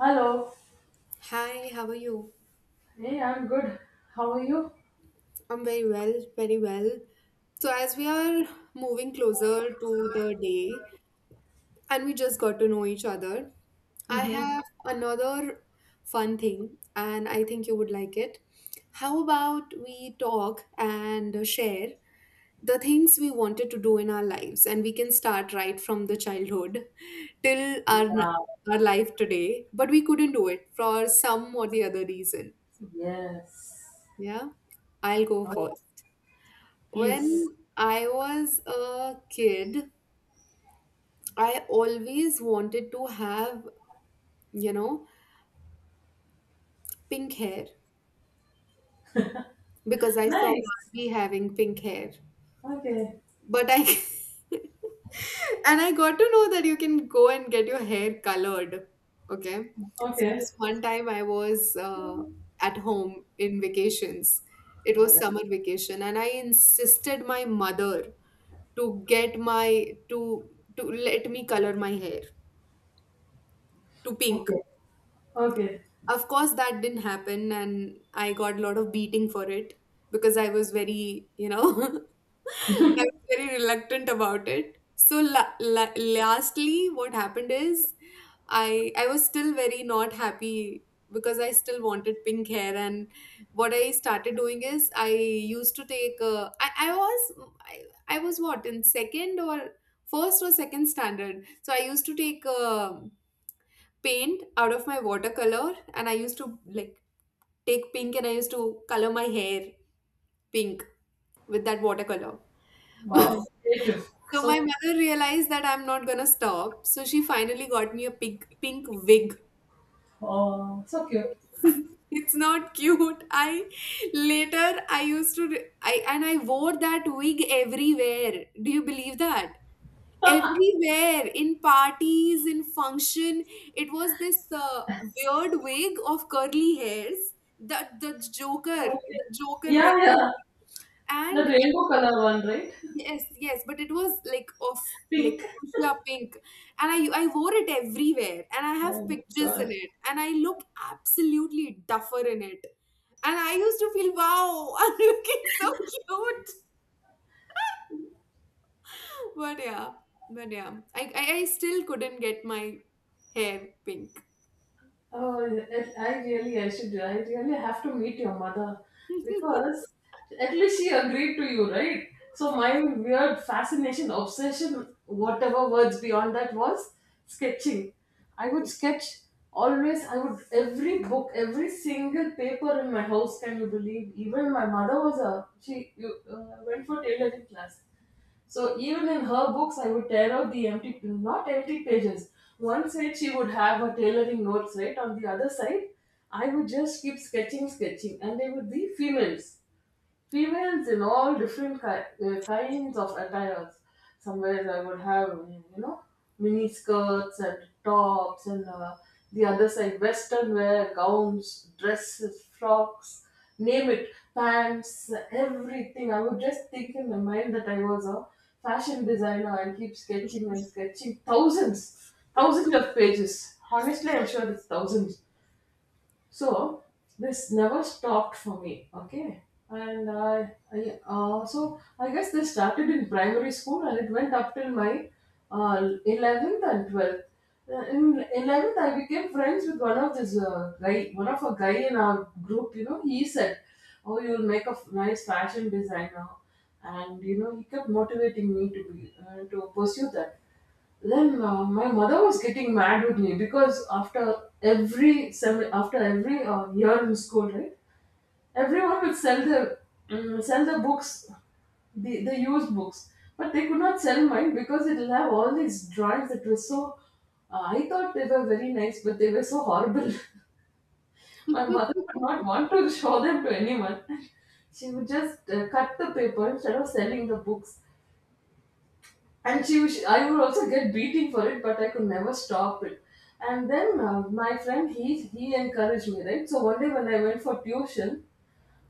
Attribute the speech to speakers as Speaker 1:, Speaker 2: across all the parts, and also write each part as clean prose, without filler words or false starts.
Speaker 1: Hello.
Speaker 2: Hi, how are you?
Speaker 1: Hey, I'm good. How are you?
Speaker 2: I'm very well, very well. So, as we are moving closer to the day and we just got to know each other, I
Speaker 1: Mm-hmm.
Speaker 2: have another fun thing and I think you would like it. How about we talk and share the things we wanted to do in our lives, and we can start right from the childhood till our n-
Speaker 1: Yeah.
Speaker 2: our life today, but we couldn't do it for some or the other reason.
Speaker 1: Yes.
Speaker 2: Yeah, I'll go
Speaker 1: Oh, yeah,
Speaker 2: first.
Speaker 1: please.
Speaker 2: When I was a kid, I always wanted to have, you know, pink hair because I saw
Speaker 1: Nice.
Speaker 2: Barbie having pink hair.
Speaker 1: Okay.
Speaker 2: But I and I got to know that you can go and get your hair colored. Okay. So
Speaker 1: Okay.
Speaker 2: this one time I was at home in vacations. It
Speaker 1: All
Speaker 2: was
Speaker 1: right.
Speaker 2: summer vacation, and I insisted my mother to get my to to let me color my hair to pink.
Speaker 1: Okay. Okay.
Speaker 2: Of course, that didn't happen, and I got a lot of beating for it because I was very, you know, I was very reluctant about it. So, lastly, what happened is I was still very not happy because I still wanted pink hair, and what I started doing is I used to take I, I was what in second or first or second standard. So I used to take paint out of my watercolor, and I used to like take pink, and I used to color my hair pink with that watercolor.
Speaker 1: Wow. Creative.
Speaker 2: So
Speaker 1: So
Speaker 2: my
Speaker 1: cute.
Speaker 2: mother realized that I'm not gonna stop. So she finally got me a pink wig.
Speaker 1: Oh, so cute.
Speaker 2: It's not cute. I later I used to I and I wore that wig everywhere. Do you believe that? Everywhere, in parties, in function, it was this weird wig of curly hairs, the joker,
Speaker 1: Okay.
Speaker 2: the joker wig,
Speaker 1: Yeah, yeah. The
Speaker 2: and
Speaker 1: rainbow color one, right?
Speaker 2: yes, yes, but it was like of like
Speaker 1: Pink.
Speaker 2: fuchsia pink. And I wore it everywhere, and I have
Speaker 1: Oh my
Speaker 2: pictures in
Speaker 1: god.
Speaker 2: it, and I look absolutely duffer in it, and I used to feel wow, I'm looking so cute. But yeah but yeah i i, I still couldn't get my hair pink.
Speaker 1: Oh, I really have to meet your mother because at least she agreed to you, right? So my weird fascination, obsession, whatever words beyond that was sketching. I would sketch always. I would every book, every single paper in my house. Can you believe? Even my mother was a she you, went for tailoring class. So even in her books, I would tear out the empty, not empty pages. One side she would have her tailoring notes, right? On the other side, I would just keep sketching, sketching, and they would be females. Females in all different kinds of attires. Some ways I would have, mini skirts and tops, and the other side, western wear, gowns, dresses, frocks, name it, pants, everything. I would just think in my mind that I was a fashion designer and keep sketching and sketching thousands, thousands of pages. Honestly, I'm sure it's thousands. So this never stopped for me, okay. And I so I guess this started in primary school, and it went up till my uh, 11th and 12th. In 11th, I became friends with one of a guy in our group. He said, oh, you'll make a nice fashion designer. And he kept motivating me to pursue that. Then my mother was getting mad with me because after every year in school, right, everyone would sell the, mm sell the books, the used books, but they could not sell mine because it'll have all these drawings that were so. I thought they were very nice, but they were so horrible. My mother would not want to show them to anyone. She would just cut the paper instead of selling the books. I would also get beating for it, but I could never stop it. And then my friend, he encouraged me, right? So one day when I went for tuition,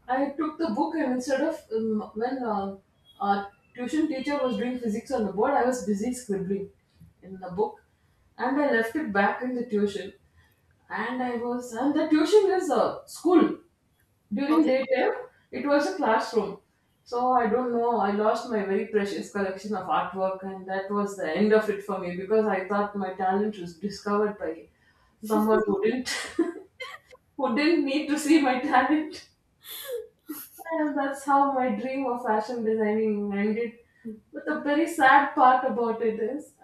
Speaker 1: I took the book, and instead of when our tuition teacher was doing physics on the board, I was busy scribbling in the book, and I left it back in the tuition. And the tuition is a school during
Speaker 2: Okay.
Speaker 1: daytime. It was a classroom. So I don't know, I lost my very precious collection of artwork, and that was the end of it for me because I thought my talent was discovered by someone who didn't who didn't need to see my talent. And that's how my dream of fashion designing ended. But the very sad part about it is,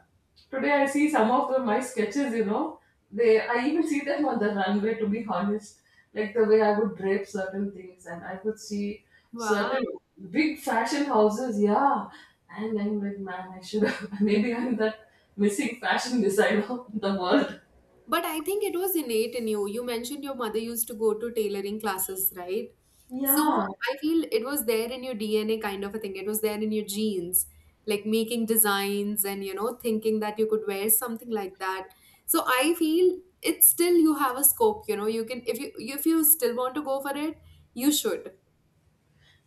Speaker 1: today I see some of my sketches, they I even see them on the runway, to be honest. Like the way I would drape certain things, and I could see
Speaker 2: Wow.
Speaker 1: certain big fashion houses, yeah. And I'm like, man, I should have maybe I'm that missing fashion designer in the world.
Speaker 2: But I think it was innate in you. You mentioned your mother used to go to tailoring classes, right? So
Speaker 1: Yeah.
Speaker 2: I feel it was there in your DNA kind of a thing. It was there in your genes, like making designs and, you know, thinking that you could wear something like that. So I feel it's still, you have a scope, you know, you can, if you still want to go for it, you should.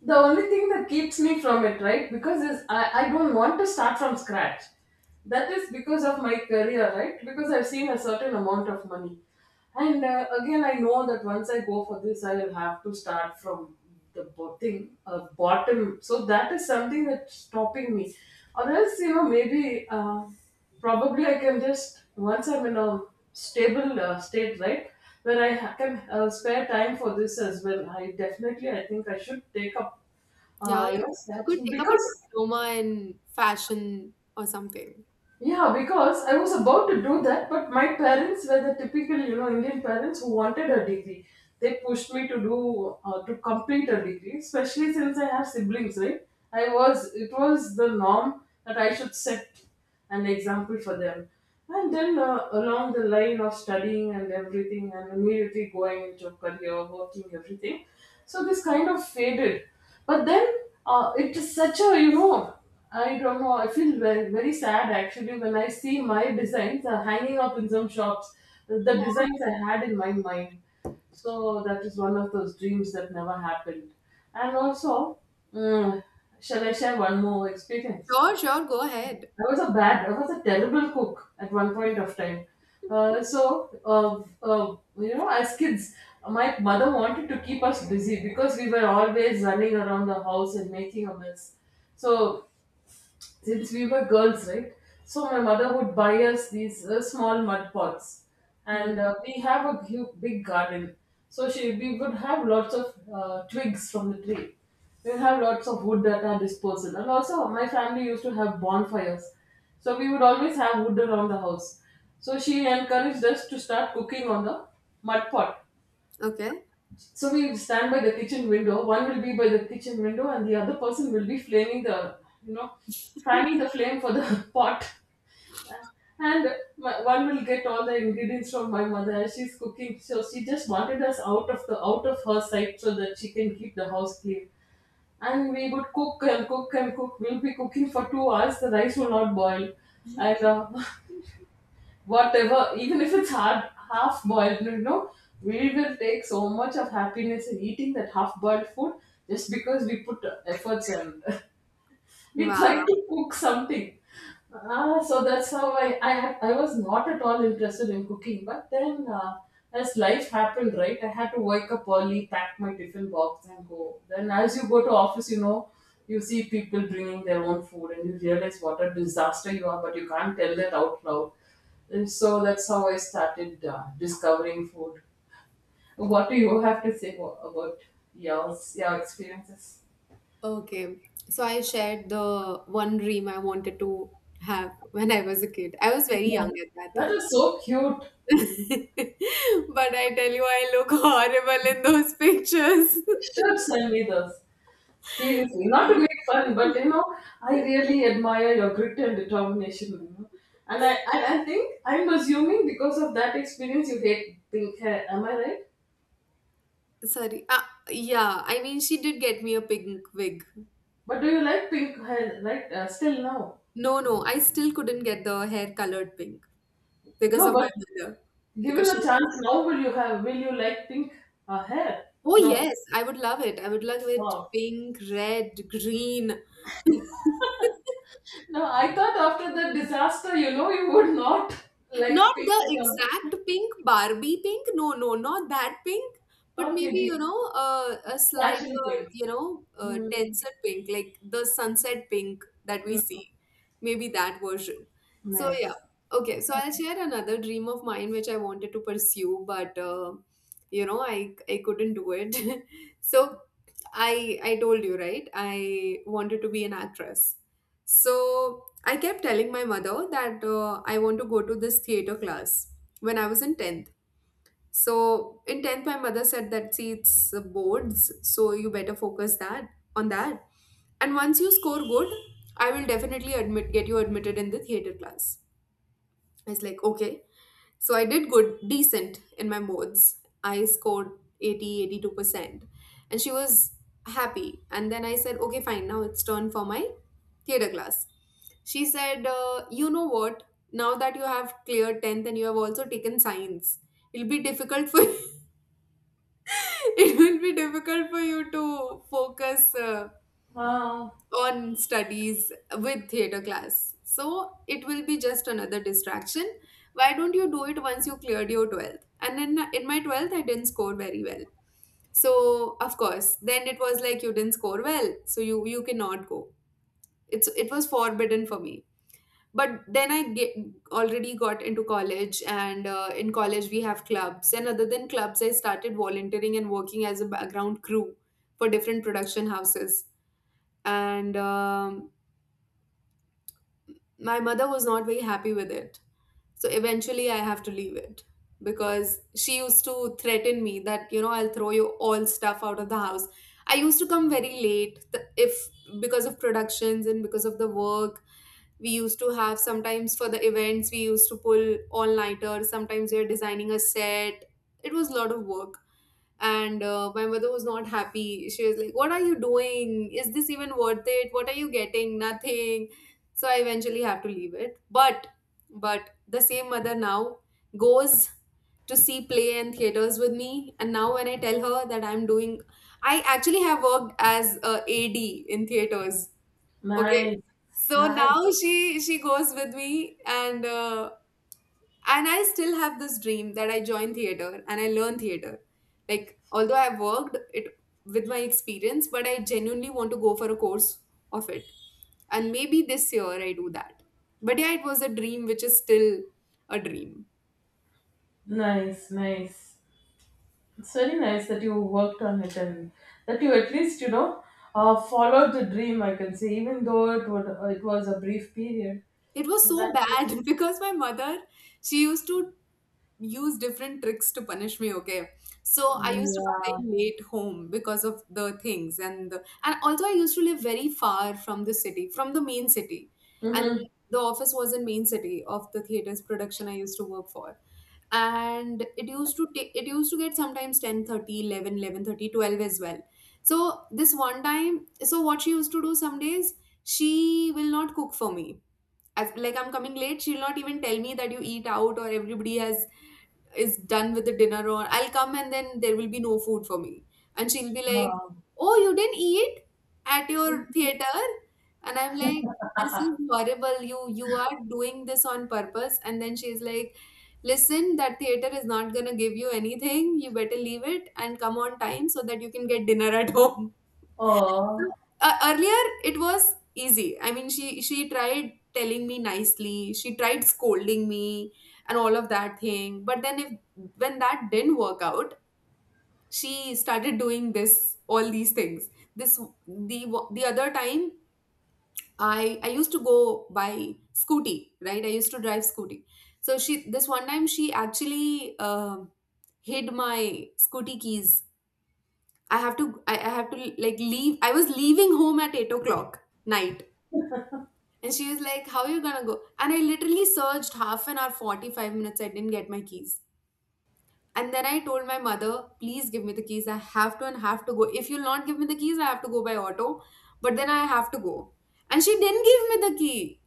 Speaker 1: The only thing that keeps me from it, right? Because is I don't want to start from scratch. That is because of my career, right? Because I've seen a certain amount of money. And again, I know that once I go for this, I will have to start from the bottom. So that is something that's stopping me. Or else, maybe probably I can just once I'm in a stable state, right, where I can spare time for this as well. I think I should take up,
Speaker 2: Yeah, you could
Speaker 1: snatching
Speaker 2: take up a
Speaker 1: because.
Speaker 2: diploma in fashion or something.
Speaker 1: Yeah, because I was about to do that, but my parents were the typical, Indian parents who wanted a degree. They pushed me to complete a degree, especially since I have siblings, right? I was it was the norm that I should set an example for them, and then along the line of studying and everything, and immediately going into career, working, everything. So this kind of faded. But then it is such a I don't know. I feel very, very sad actually when I see my designs hanging up in some shops. The designs I had in my mind. So that is one of those dreams that never happened. And also, mm, shall I share one more experience?
Speaker 2: Sure, sure, go ahead.
Speaker 1: I was a terrible cook at one point of time. So, as kids, my mother wanted to keep us busy because we were always running around the house and making a mess. So since we were girls, right? So my mother would buy us these small mud pots, and
Speaker 2: Mm,
Speaker 1: we have a big garden. So she we would have lots of twigs from the tree. We would have lots of wood at our disposal, and also my family used to have bonfires. So we would always have wood around the house. So she encouraged us to start cooking on the mud pot.
Speaker 2: okay.
Speaker 1: So we stand by the kitchen window. One will be by the kitchen window, and the other person will be flaming you know, fanning the flame for the pot. And one will get all the ingredients from my mother as she's cooking. So she just wanted us out of her sight so that she can keep the house clean. And we would cook and cook and cook. We'll be cooking for 2 hours. The rice will not boil, and whatever, even if it's hard, half boiled, we will take so much of happiness in eating that half boiled food just because we put efforts and we tried
Speaker 2: Wow.
Speaker 1: to cook something. Ah, so that's how I was not at all interested in cooking. But then, as life happened, right, I had to wake up early, pack my tiffin box, and go. Then, as you go to office, you see people bringing their own food, and you realize what a disaster you are. But you can't tell that out loud. And so that's how I started discovering food. What do you have to say about your experiences?
Speaker 2: Okay. So I shared the one dream I wanted to have when I was a kid. I was very young at that
Speaker 1: That
Speaker 2: time.
Speaker 1: is so cute.
Speaker 2: But I tell you, I look horrible in those pictures.
Speaker 1: Should send me this. Seriously, not to
Speaker 2: Um,
Speaker 1: make fun, but I really admire your grit and determination. And I think I'm assuming because of that experience you hate pink hair. Am I right?
Speaker 2: Sorry. Yeah, I mean, she did get me a pink wig.
Speaker 1: But do you like pink hair? Like still now?
Speaker 2: No, no, I still couldn't get the hair colored pink because
Speaker 1: No,
Speaker 2: of my
Speaker 1: but
Speaker 2: mother.
Speaker 1: given
Speaker 2: Because
Speaker 1: a
Speaker 2: she,
Speaker 1: chance now, will you have? Will you like pink hair?
Speaker 2: oh
Speaker 1: No.
Speaker 2: yes, I would love it. I would love it
Speaker 1: Wow.
Speaker 2: pink, red, green.
Speaker 1: No, I thought after the disaster, you would not like
Speaker 2: Not
Speaker 1: pink
Speaker 2: the
Speaker 1: at all.
Speaker 2: exact pink, Barbie pink. No, no, not that pink. But
Speaker 1: Okay,
Speaker 2: maybe, you
Speaker 1: the
Speaker 2: know, a
Speaker 1: fashion
Speaker 2: slighter,
Speaker 1: pink.
Speaker 2: you know,
Speaker 1: Hmm.
Speaker 2: denser pink, like the sunset pink that we see. Maybe that version. So, yeah.
Speaker 1: Nice.
Speaker 2: Okay, so I'll share another dream of mine which I wanted to pursue, but, you know, I couldn't do it. So, I told you, right? I wanted to be an actress. So, I kept telling my mother that I want to go to this theater class when I was in 10th. So in 10th, my mother said that see, it's boards, so you better focus that on that. And once you score good, I will definitely admit get you admitted in the theater class. I was like, okay. So I did good, decent in my modes. I scored 80, 82%. And she was happy. And then I said, okay, fine, now it's turn for my theatre class. She said, you know what? Now that you have cleared 10th and you have also taken science, it'll be difficult for it will be difficult for you to focus
Speaker 1: Wow.
Speaker 2: on studies with theater class. So it will be just another distraction. Why don't you do it once you cleared your 12th? And in my 12th, I didn't score very well. So of course, then it was like you didn't score well, so you cannot go. It was forbidden for me. But then already got into college, and in college we have clubs. And other than clubs, I started volunteering and working as a background crew for different production houses. And my mother was not very happy with it. So eventually I have to leave it because she used to threaten me that, you know, I'll throw you all stuff out of the house. I used to come very late th- if because of productions and because of the work. We used to have sometimes for the events, we used to pull all nighters. Sometimes we are designing a set. It was a lot of work, and my mother was not happy. She was like, what are you doing, is this even worth it, what are you getting, nothing? So I eventually have to leave it, but the same mother now goes to see play and theaters with me. And now when I tell her that I'm doing I actually have worked as a ad in theaters, okay?
Speaker 1: Nice.
Speaker 2: So now
Speaker 1: Nice.
Speaker 2: she goes with me. And and I still have this dream that I join theater and I learn theater. Like, although I worked it with my experience, but I genuinely want to go for a course of it. And maybe this year I do that. But yeah, it was a dream which is still a dream.
Speaker 1: Nice. Nice. It's very nice that you worked on it, and that you at least, followed the dream, I can say, even though it was a brief period.
Speaker 2: It was so
Speaker 1: That was,
Speaker 2: bad because my mother, she used to use different tricks to punish me, okay? So I used to come
Speaker 1: yeah.
Speaker 2: very late home because of the things. And and also I used to live very far from the city, from the main city. And
Speaker 1: Mm-hmm.
Speaker 2: the office was in main city of the theater's production I used to work for. And it used to get sometimes 10:30, 11, 11:30, 12 as well. So this one time, so what she used to do some days, she will not cook for me. As like I'm coming late, she'll not even tell me that you eat out, or everybody has is done with the dinner. Or I'll come and then there will be no food for me. And she'll be like,
Speaker 1: Oh,
Speaker 2: oh, you didn't eat at your theater? And I'm like, this is horrible. You are doing this on purpose. And then she's like, listen, that theater is not gonna give you anything. You better leave it and come on time so that you can get dinner at home.
Speaker 1: oh,
Speaker 2: Earlier it was easy, I mean, she tried telling me nicely, she tried scolding me and all of that thing. But then if when that didn't work out, she started doing this, all these things. This the the other time, I used to go by scooty, right? I used to drive scooty. So she, this one time, she actually hid my scooty keys. I have to like leave. I was leaving home at 8 o'clock night. And she was like, how are you gonna go? And I literally searched half an hour, 45 minutes. I didn't get my keys. And then I told my mother, please give me the keys, I have to and have to go. If you'll not give me the keys, I have to go by auto. But then I have to go. And she didn't give me the key.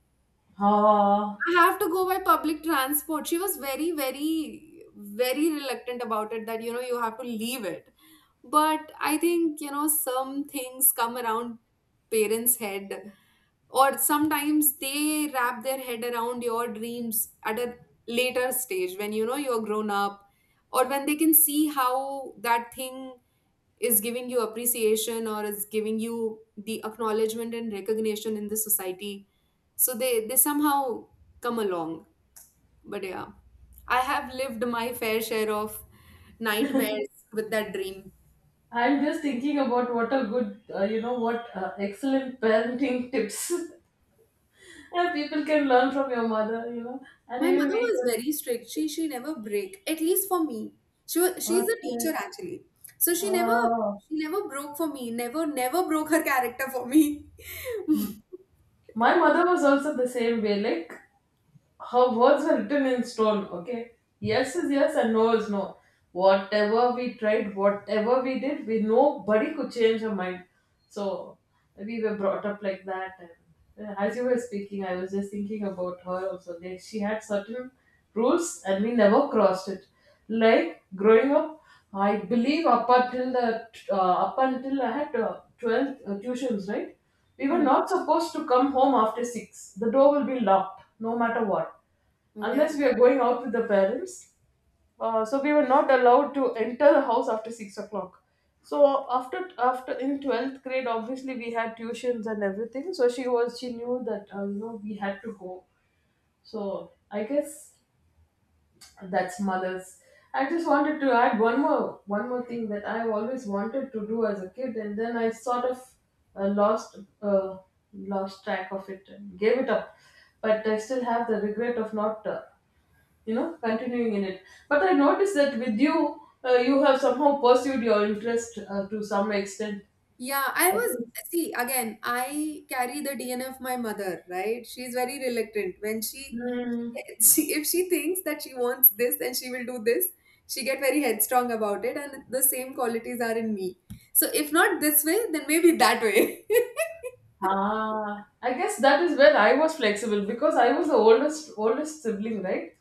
Speaker 1: oh.
Speaker 2: I have to go by public transport. She was very, very, very reluctant about it that, you know, you have to leave it. But I think, you know, some things come around parents' head, or sometimes they wrap their head around your dreams at a later stage when you know you're grown up, or when they can see how that thing is giving you appreciation, or is giving you the acknowledgement and recognition in the society. So they somehow come along. But yeah, I have lived my fair share of nightmares with that dream.
Speaker 1: I'm just thinking about what a good, you know, what excellent parenting tips yeah, people can learn from your mother, and
Speaker 2: My
Speaker 1: even
Speaker 2: mother
Speaker 1: we
Speaker 2: was
Speaker 1: can.
Speaker 2: very strict. She never break, at least for me. She's a teacher
Speaker 1: Okay.
Speaker 2: actually. So she never,
Speaker 1: Oh.
Speaker 2: she never broke for me. Never broke her character for me.
Speaker 1: My mother was also the same way. Like her words were written in stone. Okay, yes is yes and no is no. Whatever we tried, whatever we did, we nobody could change her mind. So we were brought up like that. And as you were speaking, I was just thinking about her also. Like she had certain rules and we never crossed it. Like growing up, I believe up until the up until I had 12 tuitions, right? We were
Speaker 2: Hmm.
Speaker 1: not supposed to come home after 6. The door will be locked, no matter what,
Speaker 2: Okay.
Speaker 1: unless we are going out with the parents. So we were not allowed to enter the house after 6 o'clock. So after in 12th grade, obviously we had tuitions and everything. So she knew that we had to go. So I guess that's mothers. I just wanted to add one more thing that I always wanted to do as a kid, and then I sort of uh, lost uh, lost track of it and gave it up, but I still have the regret of not continuing in it. But I noticed that with you, you have somehow pursued your interest to some extent.
Speaker 2: Yeah, I was, see again, I carry the DNA of my mother, right? She's very reluctant. When
Speaker 1: Hmm.
Speaker 2: she if she thinks that she wants this and she will do this, she get very headstrong about it and the same qualities are in me. So if not this way, then maybe that way.
Speaker 1: Ah, I guess that is where I was flexible because I was the oldest sibling, right?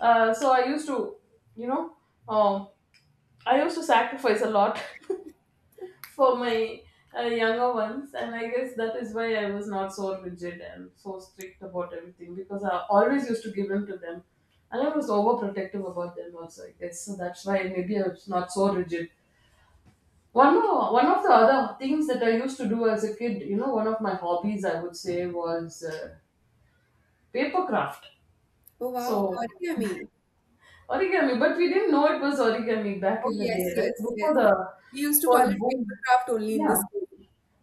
Speaker 1: So I used to, you know, um, I used to sacrifice a lot for my younger ones, and I guess that is why I was not so rigid and so strict about everything because I always used to give in to them, and I was overprotective about them also. I guess so that's why maybe I was not so rigid. One of the other things that I used to do as a kid, you know, one of my hobbies, I would say, was paper craft.
Speaker 2: Oh wow,
Speaker 1: So
Speaker 2: origami.
Speaker 1: origami, but we didn't know it was origami back
Speaker 2: Oh,
Speaker 1: in the
Speaker 2: yes,
Speaker 1: day, right?
Speaker 2: yes, yes.
Speaker 1: Before the
Speaker 2: We used to call
Speaker 1: whole
Speaker 2: it paper
Speaker 1: boom.
Speaker 2: craft only in the
Speaker 1: Yeah.
Speaker 2: school.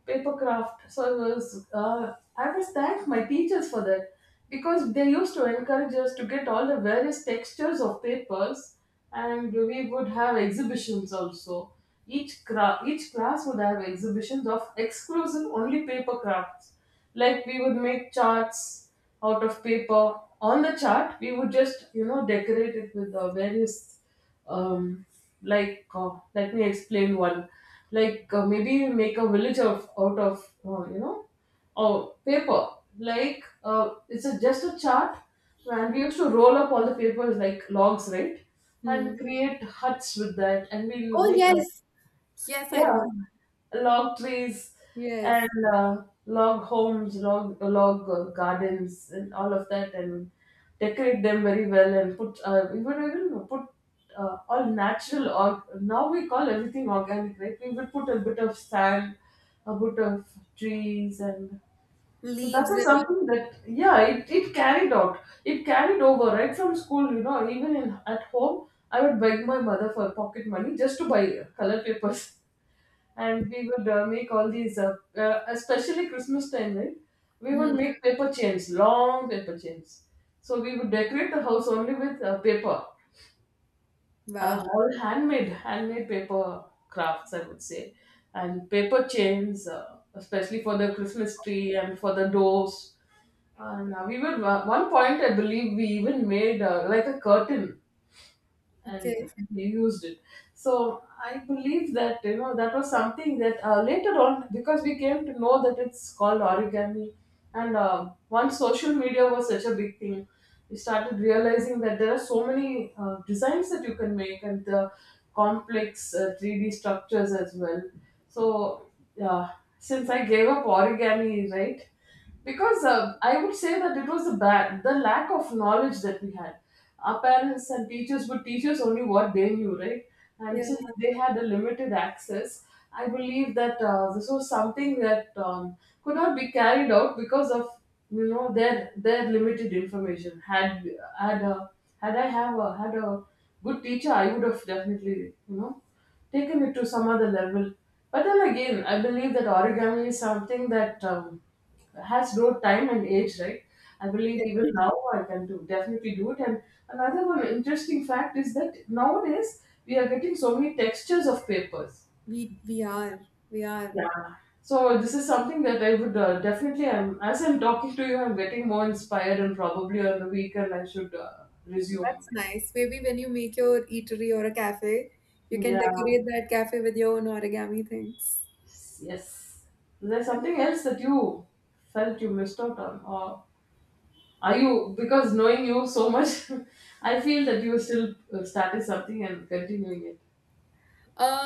Speaker 1: Paper craft. So I was thanked my teachers for that because they used to encourage us to get all the various textures of papers, and we would have exhibitions also. Each class would have exhibitions of exclusive only paper crafts. Like we would make charts out of paper. On the chart, we would just, you know, decorate it with various um, like let me explain one, maybe make a village of out of you know or paper, it's a, just a chart, and we used to roll up all the papers like logs, right,
Speaker 2: Hmm.
Speaker 1: and create huts with that, and we'll
Speaker 2: Oh,
Speaker 1: make,
Speaker 2: yes. Yes, I
Speaker 1: yeah,
Speaker 2: remember.
Speaker 1: log trees
Speaker 2: Yes.
Speaker 1: and log homes, log gardens, and all of that, and decorate them very well, and put we would even put all natural, or now we call everything organic, right? We would put a bit of sand, a bit of trees, and so that
Speaker 2: Leaves
Speaker 1: was
Speaker 2: and
Speaker 1: something that, yeah, it carried over right from school, you know, even in at home. I would beg my mother for pocket money just to buy color papers, and we would make all these, especially Christmas time, right? We
Speaker 2: all. Hmm.
Speaker 1: would make paper chains, long paper chains. So we would decorate the house only with paper,
Speaker 2: Wow.
Speaker 1: all handmade, handmade paper crafts, I would say, and paper chains, especially for the Christmas tree and for the doors. And we would, one point, I believe, we even made like a curtain, and
Speaker 2: Okay.
Speaker 1: he used it. So I believe that, you know, that was something that, later on, because we came to know that it's called origami. And once social media was such a big thing, we started realizing that there are so many designs that you can make, and the complex 3D structures as well. So yeah, since I gave up origami, right, because I would say that it was the lack of knowledge that we had. Our parents and teachers would teach us only what they knew, right, and
Speaker 2: Yeah,
Speaker 1: since they had a limited access, I believe that this was something that could not be carried out because of, you know, their limited information. Had a, had a good teacher, I would have definitely, you know, taken it to some other level. But then again, I believe that origami is something that has no time and age, right? I believe even now
Speaker 2: definitely.
Speaker 1: I can do, definitely do it. And another one interesting fact is that nowadays we are getting so many textures of papers.
Speaker 2: We are. We are.
Speaker 1: Yeah. So this is something that I would, definitely. I'm, as I'm talking to you, I'm getting more inspired, and probably on the weekend I should resume.
Speaker 2: That's nice. Maybe when you make your eatery or a cafe, you can
Speaker 1: Yeah.
Speaker 2: decorate that cafe with your own origami things.
Speaker 1: Yes. Is there something else that you felt you missed out on? Or are you, because knowing you so much, I feel that you still started something and continuing it.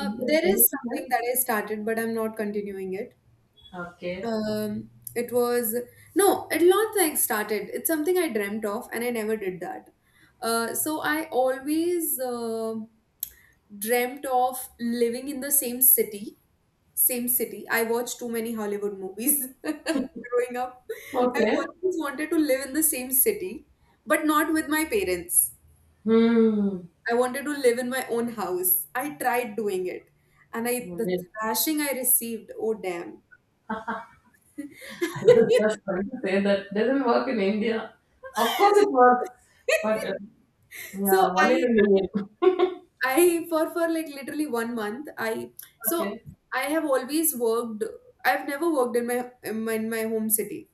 Speaker 1: Is there
Speaker 2: There is
Speaker 1: anything
Speaker 2: something that
Speaker 1: else?
Speaker 2: I started, but I'm not continuing it.
Speaker 1: Okay.
Speaker 2: Um, it was, no, it not like started. It's something I dreamt of, and I never did that. So I always dreamt of living in the same city. Same city. I watched too many Hollywood movies growing up. I
Speaker 1: Okay.
Speaker 2: always wanted to live in the same city, but not with my parents.
Speaker 1: Hmm.
Speaker 2: I wanted to live in my own house. I tried doing it, and I the
Speaker 1: Yes.
Speaker 2: thrashing I received. Oh damn!
Speaker 1: I was just trying to say that doesn't work in India. Of course it works, but
Speaker 2: So
Speaker 1: yeah, one in
Speaker 2: I
Speaker 1: a million.
Speaker 2: I for like literally 1 month I so
Speaker 1: Okay.
Speaker 2: I have always worked, I've never worked in my in my, in my home city.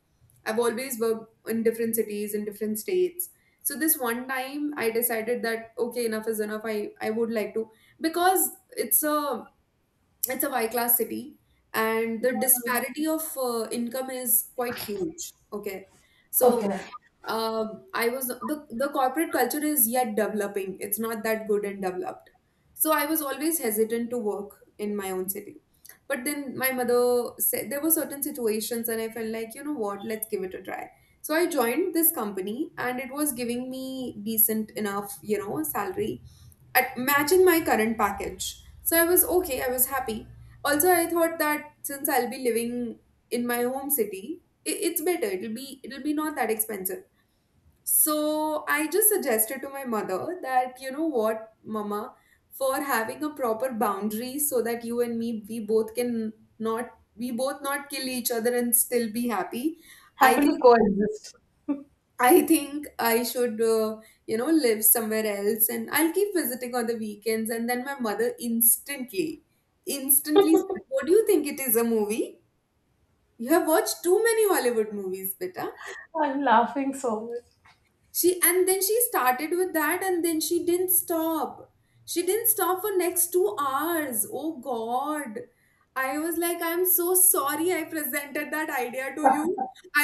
Speaker 2: I've always worked in different cities in different states. So this one time I decided that okay, enough is enough, I would like to, because it's a Y class city, and the disparity of income is quite huge. Okay, so
Speaker 1: Okay.
Speaker 2: I was, the corporate culture is yet developing. It's not that good and developed. So I was always hesitant to work in my own city. But then my mother said there were certain situations, and I felt like, you know what, let's give it a try. So I joined this company, and it was giving me decent enough, you know, salary at matching my current package. So I was okay, I was happy. Also, I thought that since I'll be living in my home city, it's better. It'll be not that expensive. So I just suggested to my mother that you know what, Mama, for having a proper boundary so that you and me, we both can, not we both not kill each other and still be happy. I
Speaker 1: Happily
Speaker 2: think
Speaker 1: coexist.
Speaker 2: I think I should, you know, live somewhere else and I'll keep visiting on the weekends. And then my mother instantly, instantly said, "What do you think it is, a movie? You have watched too many Hollywood movies, beta."
Speaker 1: I'm laughing so much.
Speaker 2: She, and then she started with that and then she didn't stop. She didn't stop for next 2 hours. Oh god, I was like, I'm so sorry I presented that idea to you,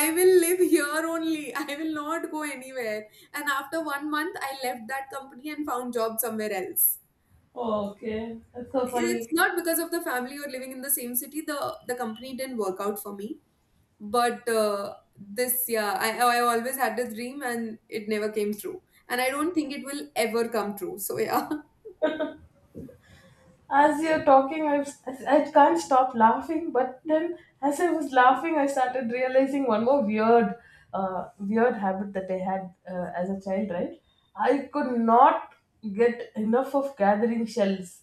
Speaker 2: I will live here only. I will not go anywhere. And after 1 month I left that company and found job somewhere else.
Speaker 1: Oh, okay, that's so
Speaker 2: It's
Speaker 1: funny.
Speaker 2: not because of the family or living in the same city, the company didn't work out for me. But this, yeah, I always had this dream and it never came true, and I don't think it will ever come true. So yeah.
Speaker 1: As you're talking, I I can't stop laughing. But then, as I was laughing, I started realizing one more weird, weird habit that I had as a child. Right, I could not get enough of gathering shells.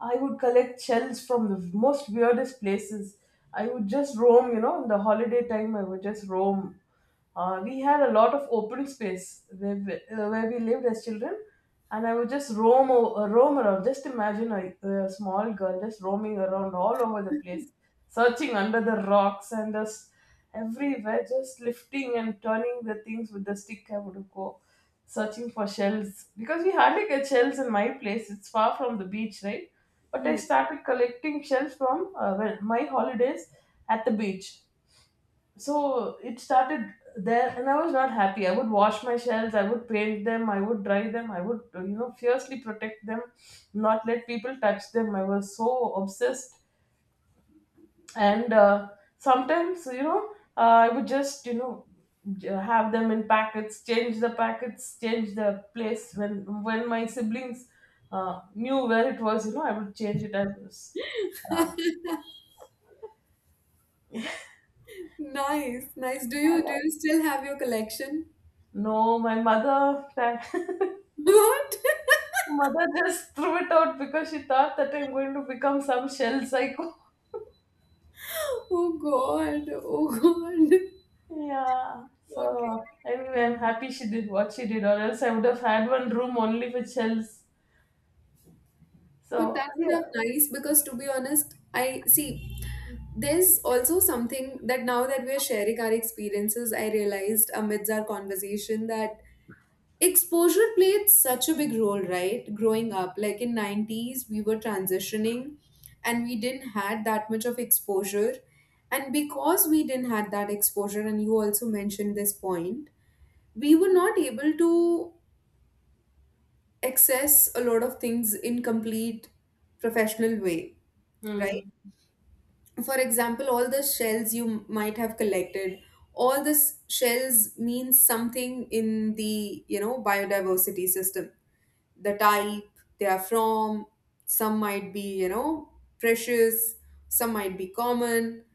Speaker 1: I would collect shells from the most weirdest places. I would just roam. You know, in the holiday time, I would just roam. We had a lot of open space where where we lived as children, and I would just roam around. Just imagine a small girl just roaming around all over the place, searching under the rocks and just everywhere, just lifting and turning the things with the stick. I would go searching for shells because we hardly get shells in my place. It's far from the beach, right? But I
Speaker 2: Hmm.
Speaker 1: started collecting shells from, well, my holidays at the beach. So it started there, and I was not happy. I would wash my shells, I would paint them, I would dry them, I would, you know, fiercely protect them, not let people touch them. I was so obsessed. And sometimes you know I would just, you know, have them in packets, change the packets, change the place when my siblings knew where it was, you know, I would change it. I was,
Speaker 2: Nice, nice, do you still have your collection?
Speaker 1: no, my mother,
Speaker 2: What?
Speaker 1: mother just threw it out because she thought that I'm going to become some shell psycho.
Speaker 2: Oh god, oh god.
Speaker 1: Yeah.
Speaker 2: Okay,
Speaker 1: So anyway, I'm happy she did what she did, or else I would have had one room only for shells.
Speaker 2: but
Speaker 1: So
Speaker 2: that would have
Speaker 1: yeah.
Speaker 2: nice because to be honest, I see there's also something that, now that we're sharing our experiences, I realized amidst our conversation that exposure played such a big role, right? Growing up, like in 90's we were transitioning and we didn't had that much of exposure. And because we didn't had that exposure, and you also mentioned this point, we were not able to access a lot of things in complete professional way, right?
Speaker 1: Hmm.
Speaker 2: For example, all the shells you might have collected, all the shells means something in the, you know, biodiversity system, the type they are from. Some might be, you know, precious, some might be common.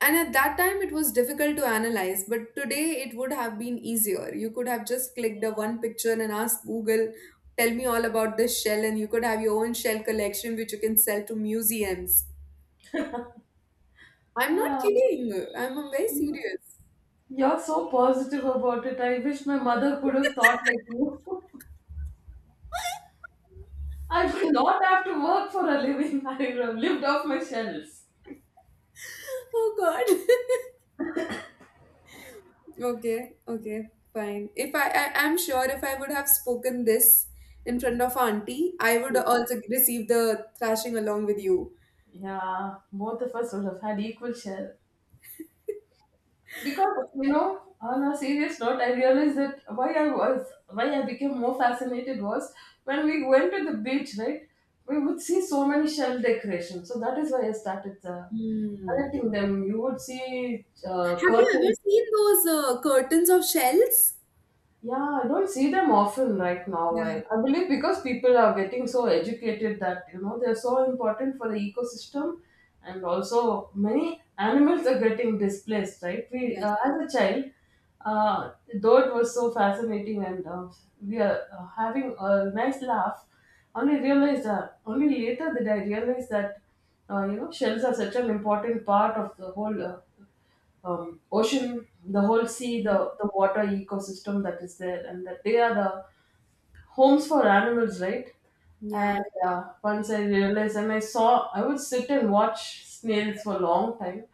Speaker 2: And at that time, it was difficult to analyze, but today it would have been easier. You could have just clicked the one picture and asked Google, tell me all about this shell, and you could have your own shell collection which you can sell to museums. I'm not
Speaker 1: Ah,
Speaker 2: kidding. I'm very serious.
Speaker 1: you're so positive about it. I wish my mother could have thought like you. I will not have to work for a living. I would have lived off my shells.
Speaker 2: Oh God. Okay, okay, fine. If I I'm sure if I would have spoken this in front of auntie, I would also receive the thrashing along with you.
Speaker 1: Yeah, both of us would have had equal share. Because, you know, on a serious note, I realized that why I became more fascinated was when we went to the beach, right, we would see so many shell decorations. So that is why I started
Speaker 2: Hmm.
Speaker 1: collecting them. You would see
Speaker 2: Have you ever
Speaker 1: curtains.
Speaker 2: seen those curtains of shells?
Speaker 1: Yeah, I don't see them often right now. I,
Speaker 2: Yeah.
Speaker 1: I believe because people are getting so educated that, you know, they're so important for the ecosystem, and also many animals are getting displaced. Right? We,
Speaker 2: Yes.
Speaker 1: as a child, though it was so fascinating, and we are having a nice laugh. Only realized that only Later did I realize that, you know, shells are such an important part of the whole ocean, the whole sea,
Speaker 2: Mm.
Speaker 1: the water ecosystem that is there, and that they are the homes for animals, right?
Speaker 2: Yeah.
Speaker 1: And once I realized, and I saw, I would sit and watch snails for a long time.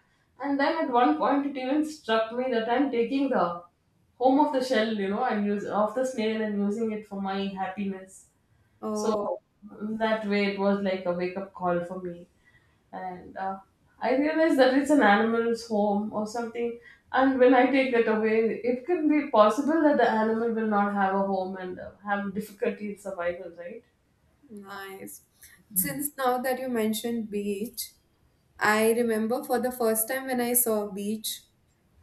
Speaker 1: And then at one point, it even struck me that I'm taking the home of the shell, you know, and use of the snail and using it for my happiness.
Speaker 2: Oh,
Speaker 1: So that way, it was like a wake up call for me, and I realized that it's an animal's home or something. And when I take that away, it can be possible that the animal will not have a home and have difficulty in survival, right?
Speaker 2: nice. Since now that you mentioned beach, I remember for the first time when I saw a beach,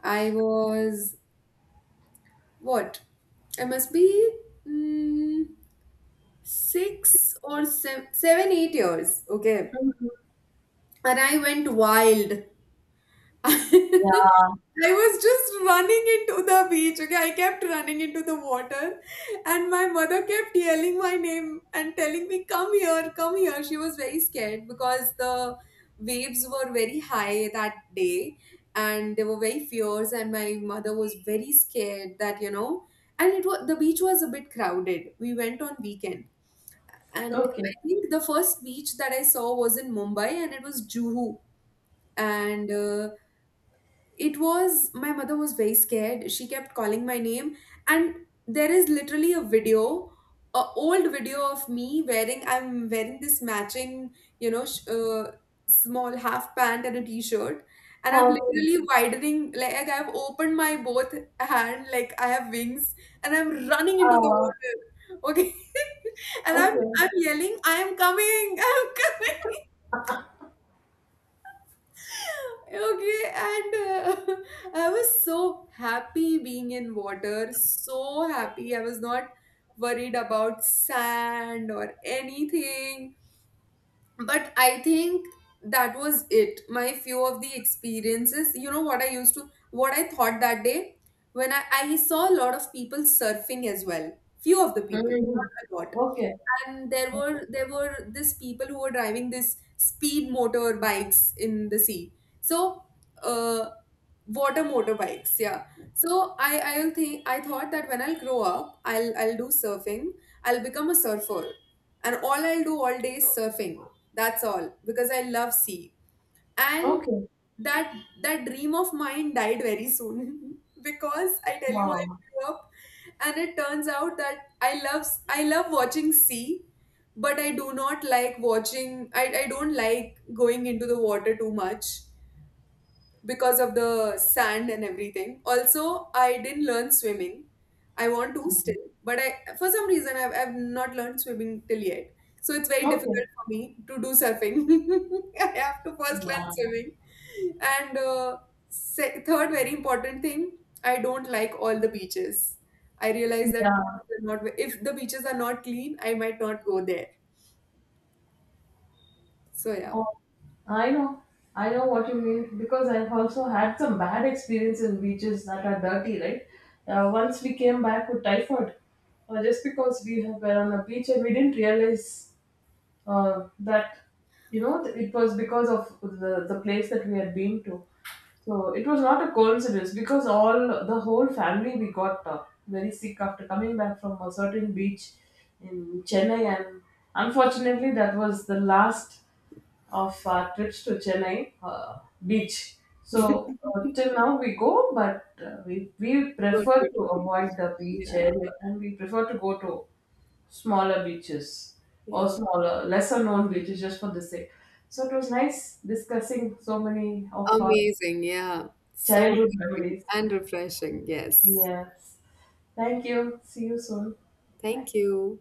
Speaker 2: I was what? I must be. Mm, six or seven, seven, 8 years. Okay. And I went wild. I
Speaker 1: Yeah.
Speaker 2: was just running into the beach. Okay. I kept running into the water. And my mother kept yelling my name and telling me, come here, come here. She was very scared because the waves were very high that day and they were very fierce. And my mother was very scared that, you know, and it was the beach was a bit crowded. We went on weekend. And
Speaker 1: Okay.
Speaker 2: I think the first beach that I saw was in Mumbai and it was Juhu. And it was, my mother was very scared, she kept calling my name. And there is literally a video, a old video of me wearing, I'm wearing this matching, you know, small half pant and a t-shirt, and I'm
Speaker 1: Okay.
Speaker 2: literally widening, like, I've opened my both hand like I have wings, and I'm running into the
Speaker 1: Uh,
Speaker 2: water, okay. And
Speaker 1: okay.
Speaker 2: I'm yelling, I'm coming, I'm coming. Okay, and I was so happy being in water, so happy. I was not worried about sand or anything. But I think that was it. My few of the experiences, you know, what I used to, what I thought that day when I saw a lot of people surfing as well. Few of the people,
Speaker 1: Mhm.
Speaker 2: not a lot.
Speaker 1: Okay.
Speaker 2: And there were this people who were driving this speed motor bikes in the sea. So uh, water motorbikes, yeah. So I, I'll think I thought that when I'll grow up, I'll do surfing. I'll become a surfer, and all I'll do all day is surfing. That's all because I love sea. And
Speaker 1: Okay.
Speaker 2: that, that dream of mine died very soon because I tell you I
Speaker 1: Wow.
Speaker 2: grew up, and it turns out that I love watching sea, but I do not like watching, I don't like going into the water too much because of the sand and everything. Also, I didn't learn swimming. I want to still, but I, for some reason I've not learned swimming till yet. So it's very difficult
Speaker 1: Okay.
Speaker 2: for me to do surfing. I have to first learn
Speaker 1: Wow.
Speaker 2: swimming. And third very important thing, I don't like all the beaches. I realize that
Speaker 1: Yeah.
Speaker 2: beaches are not, if the beaches are not clean, I might not go there. So yeah,
Speaker 1: Oh, I know, I know what you mean because I've also had some bad experience in beaches that are dirty, right? Once we came back with typhoid, just because we were on a beach and we didn't realize that, you know, it was because of the place that we had been to. So it was not a coincidence because all the whole family we got very sick after coming back from a certain beach in Chennai, and unfortunately, that was the last of our trips to Chennai beach. So till now we go, but we
Speaker 2: don't go
Speaker 1: prefer to
Speaker 2: to beach.
Speaker 1: avoid the beach
Speaker 2: Yeah,
Speaker 1: area, and we prefer to go to smaller beaches, or
Speaker 2: yeah.
Speaker 1: smaller, lesser known beaches just for the sake. So it was nice discussing so many of our
Speaker 2: Amazing. Yeah. So
Speaker 1: childhood
Speaker 2: amazing
Speaker 1: memories.
Speaker 2: and refreshing. Yes.
Speaker 1: Yes. Thank you. See you soon. Bye.
Speaker 2: Thank you.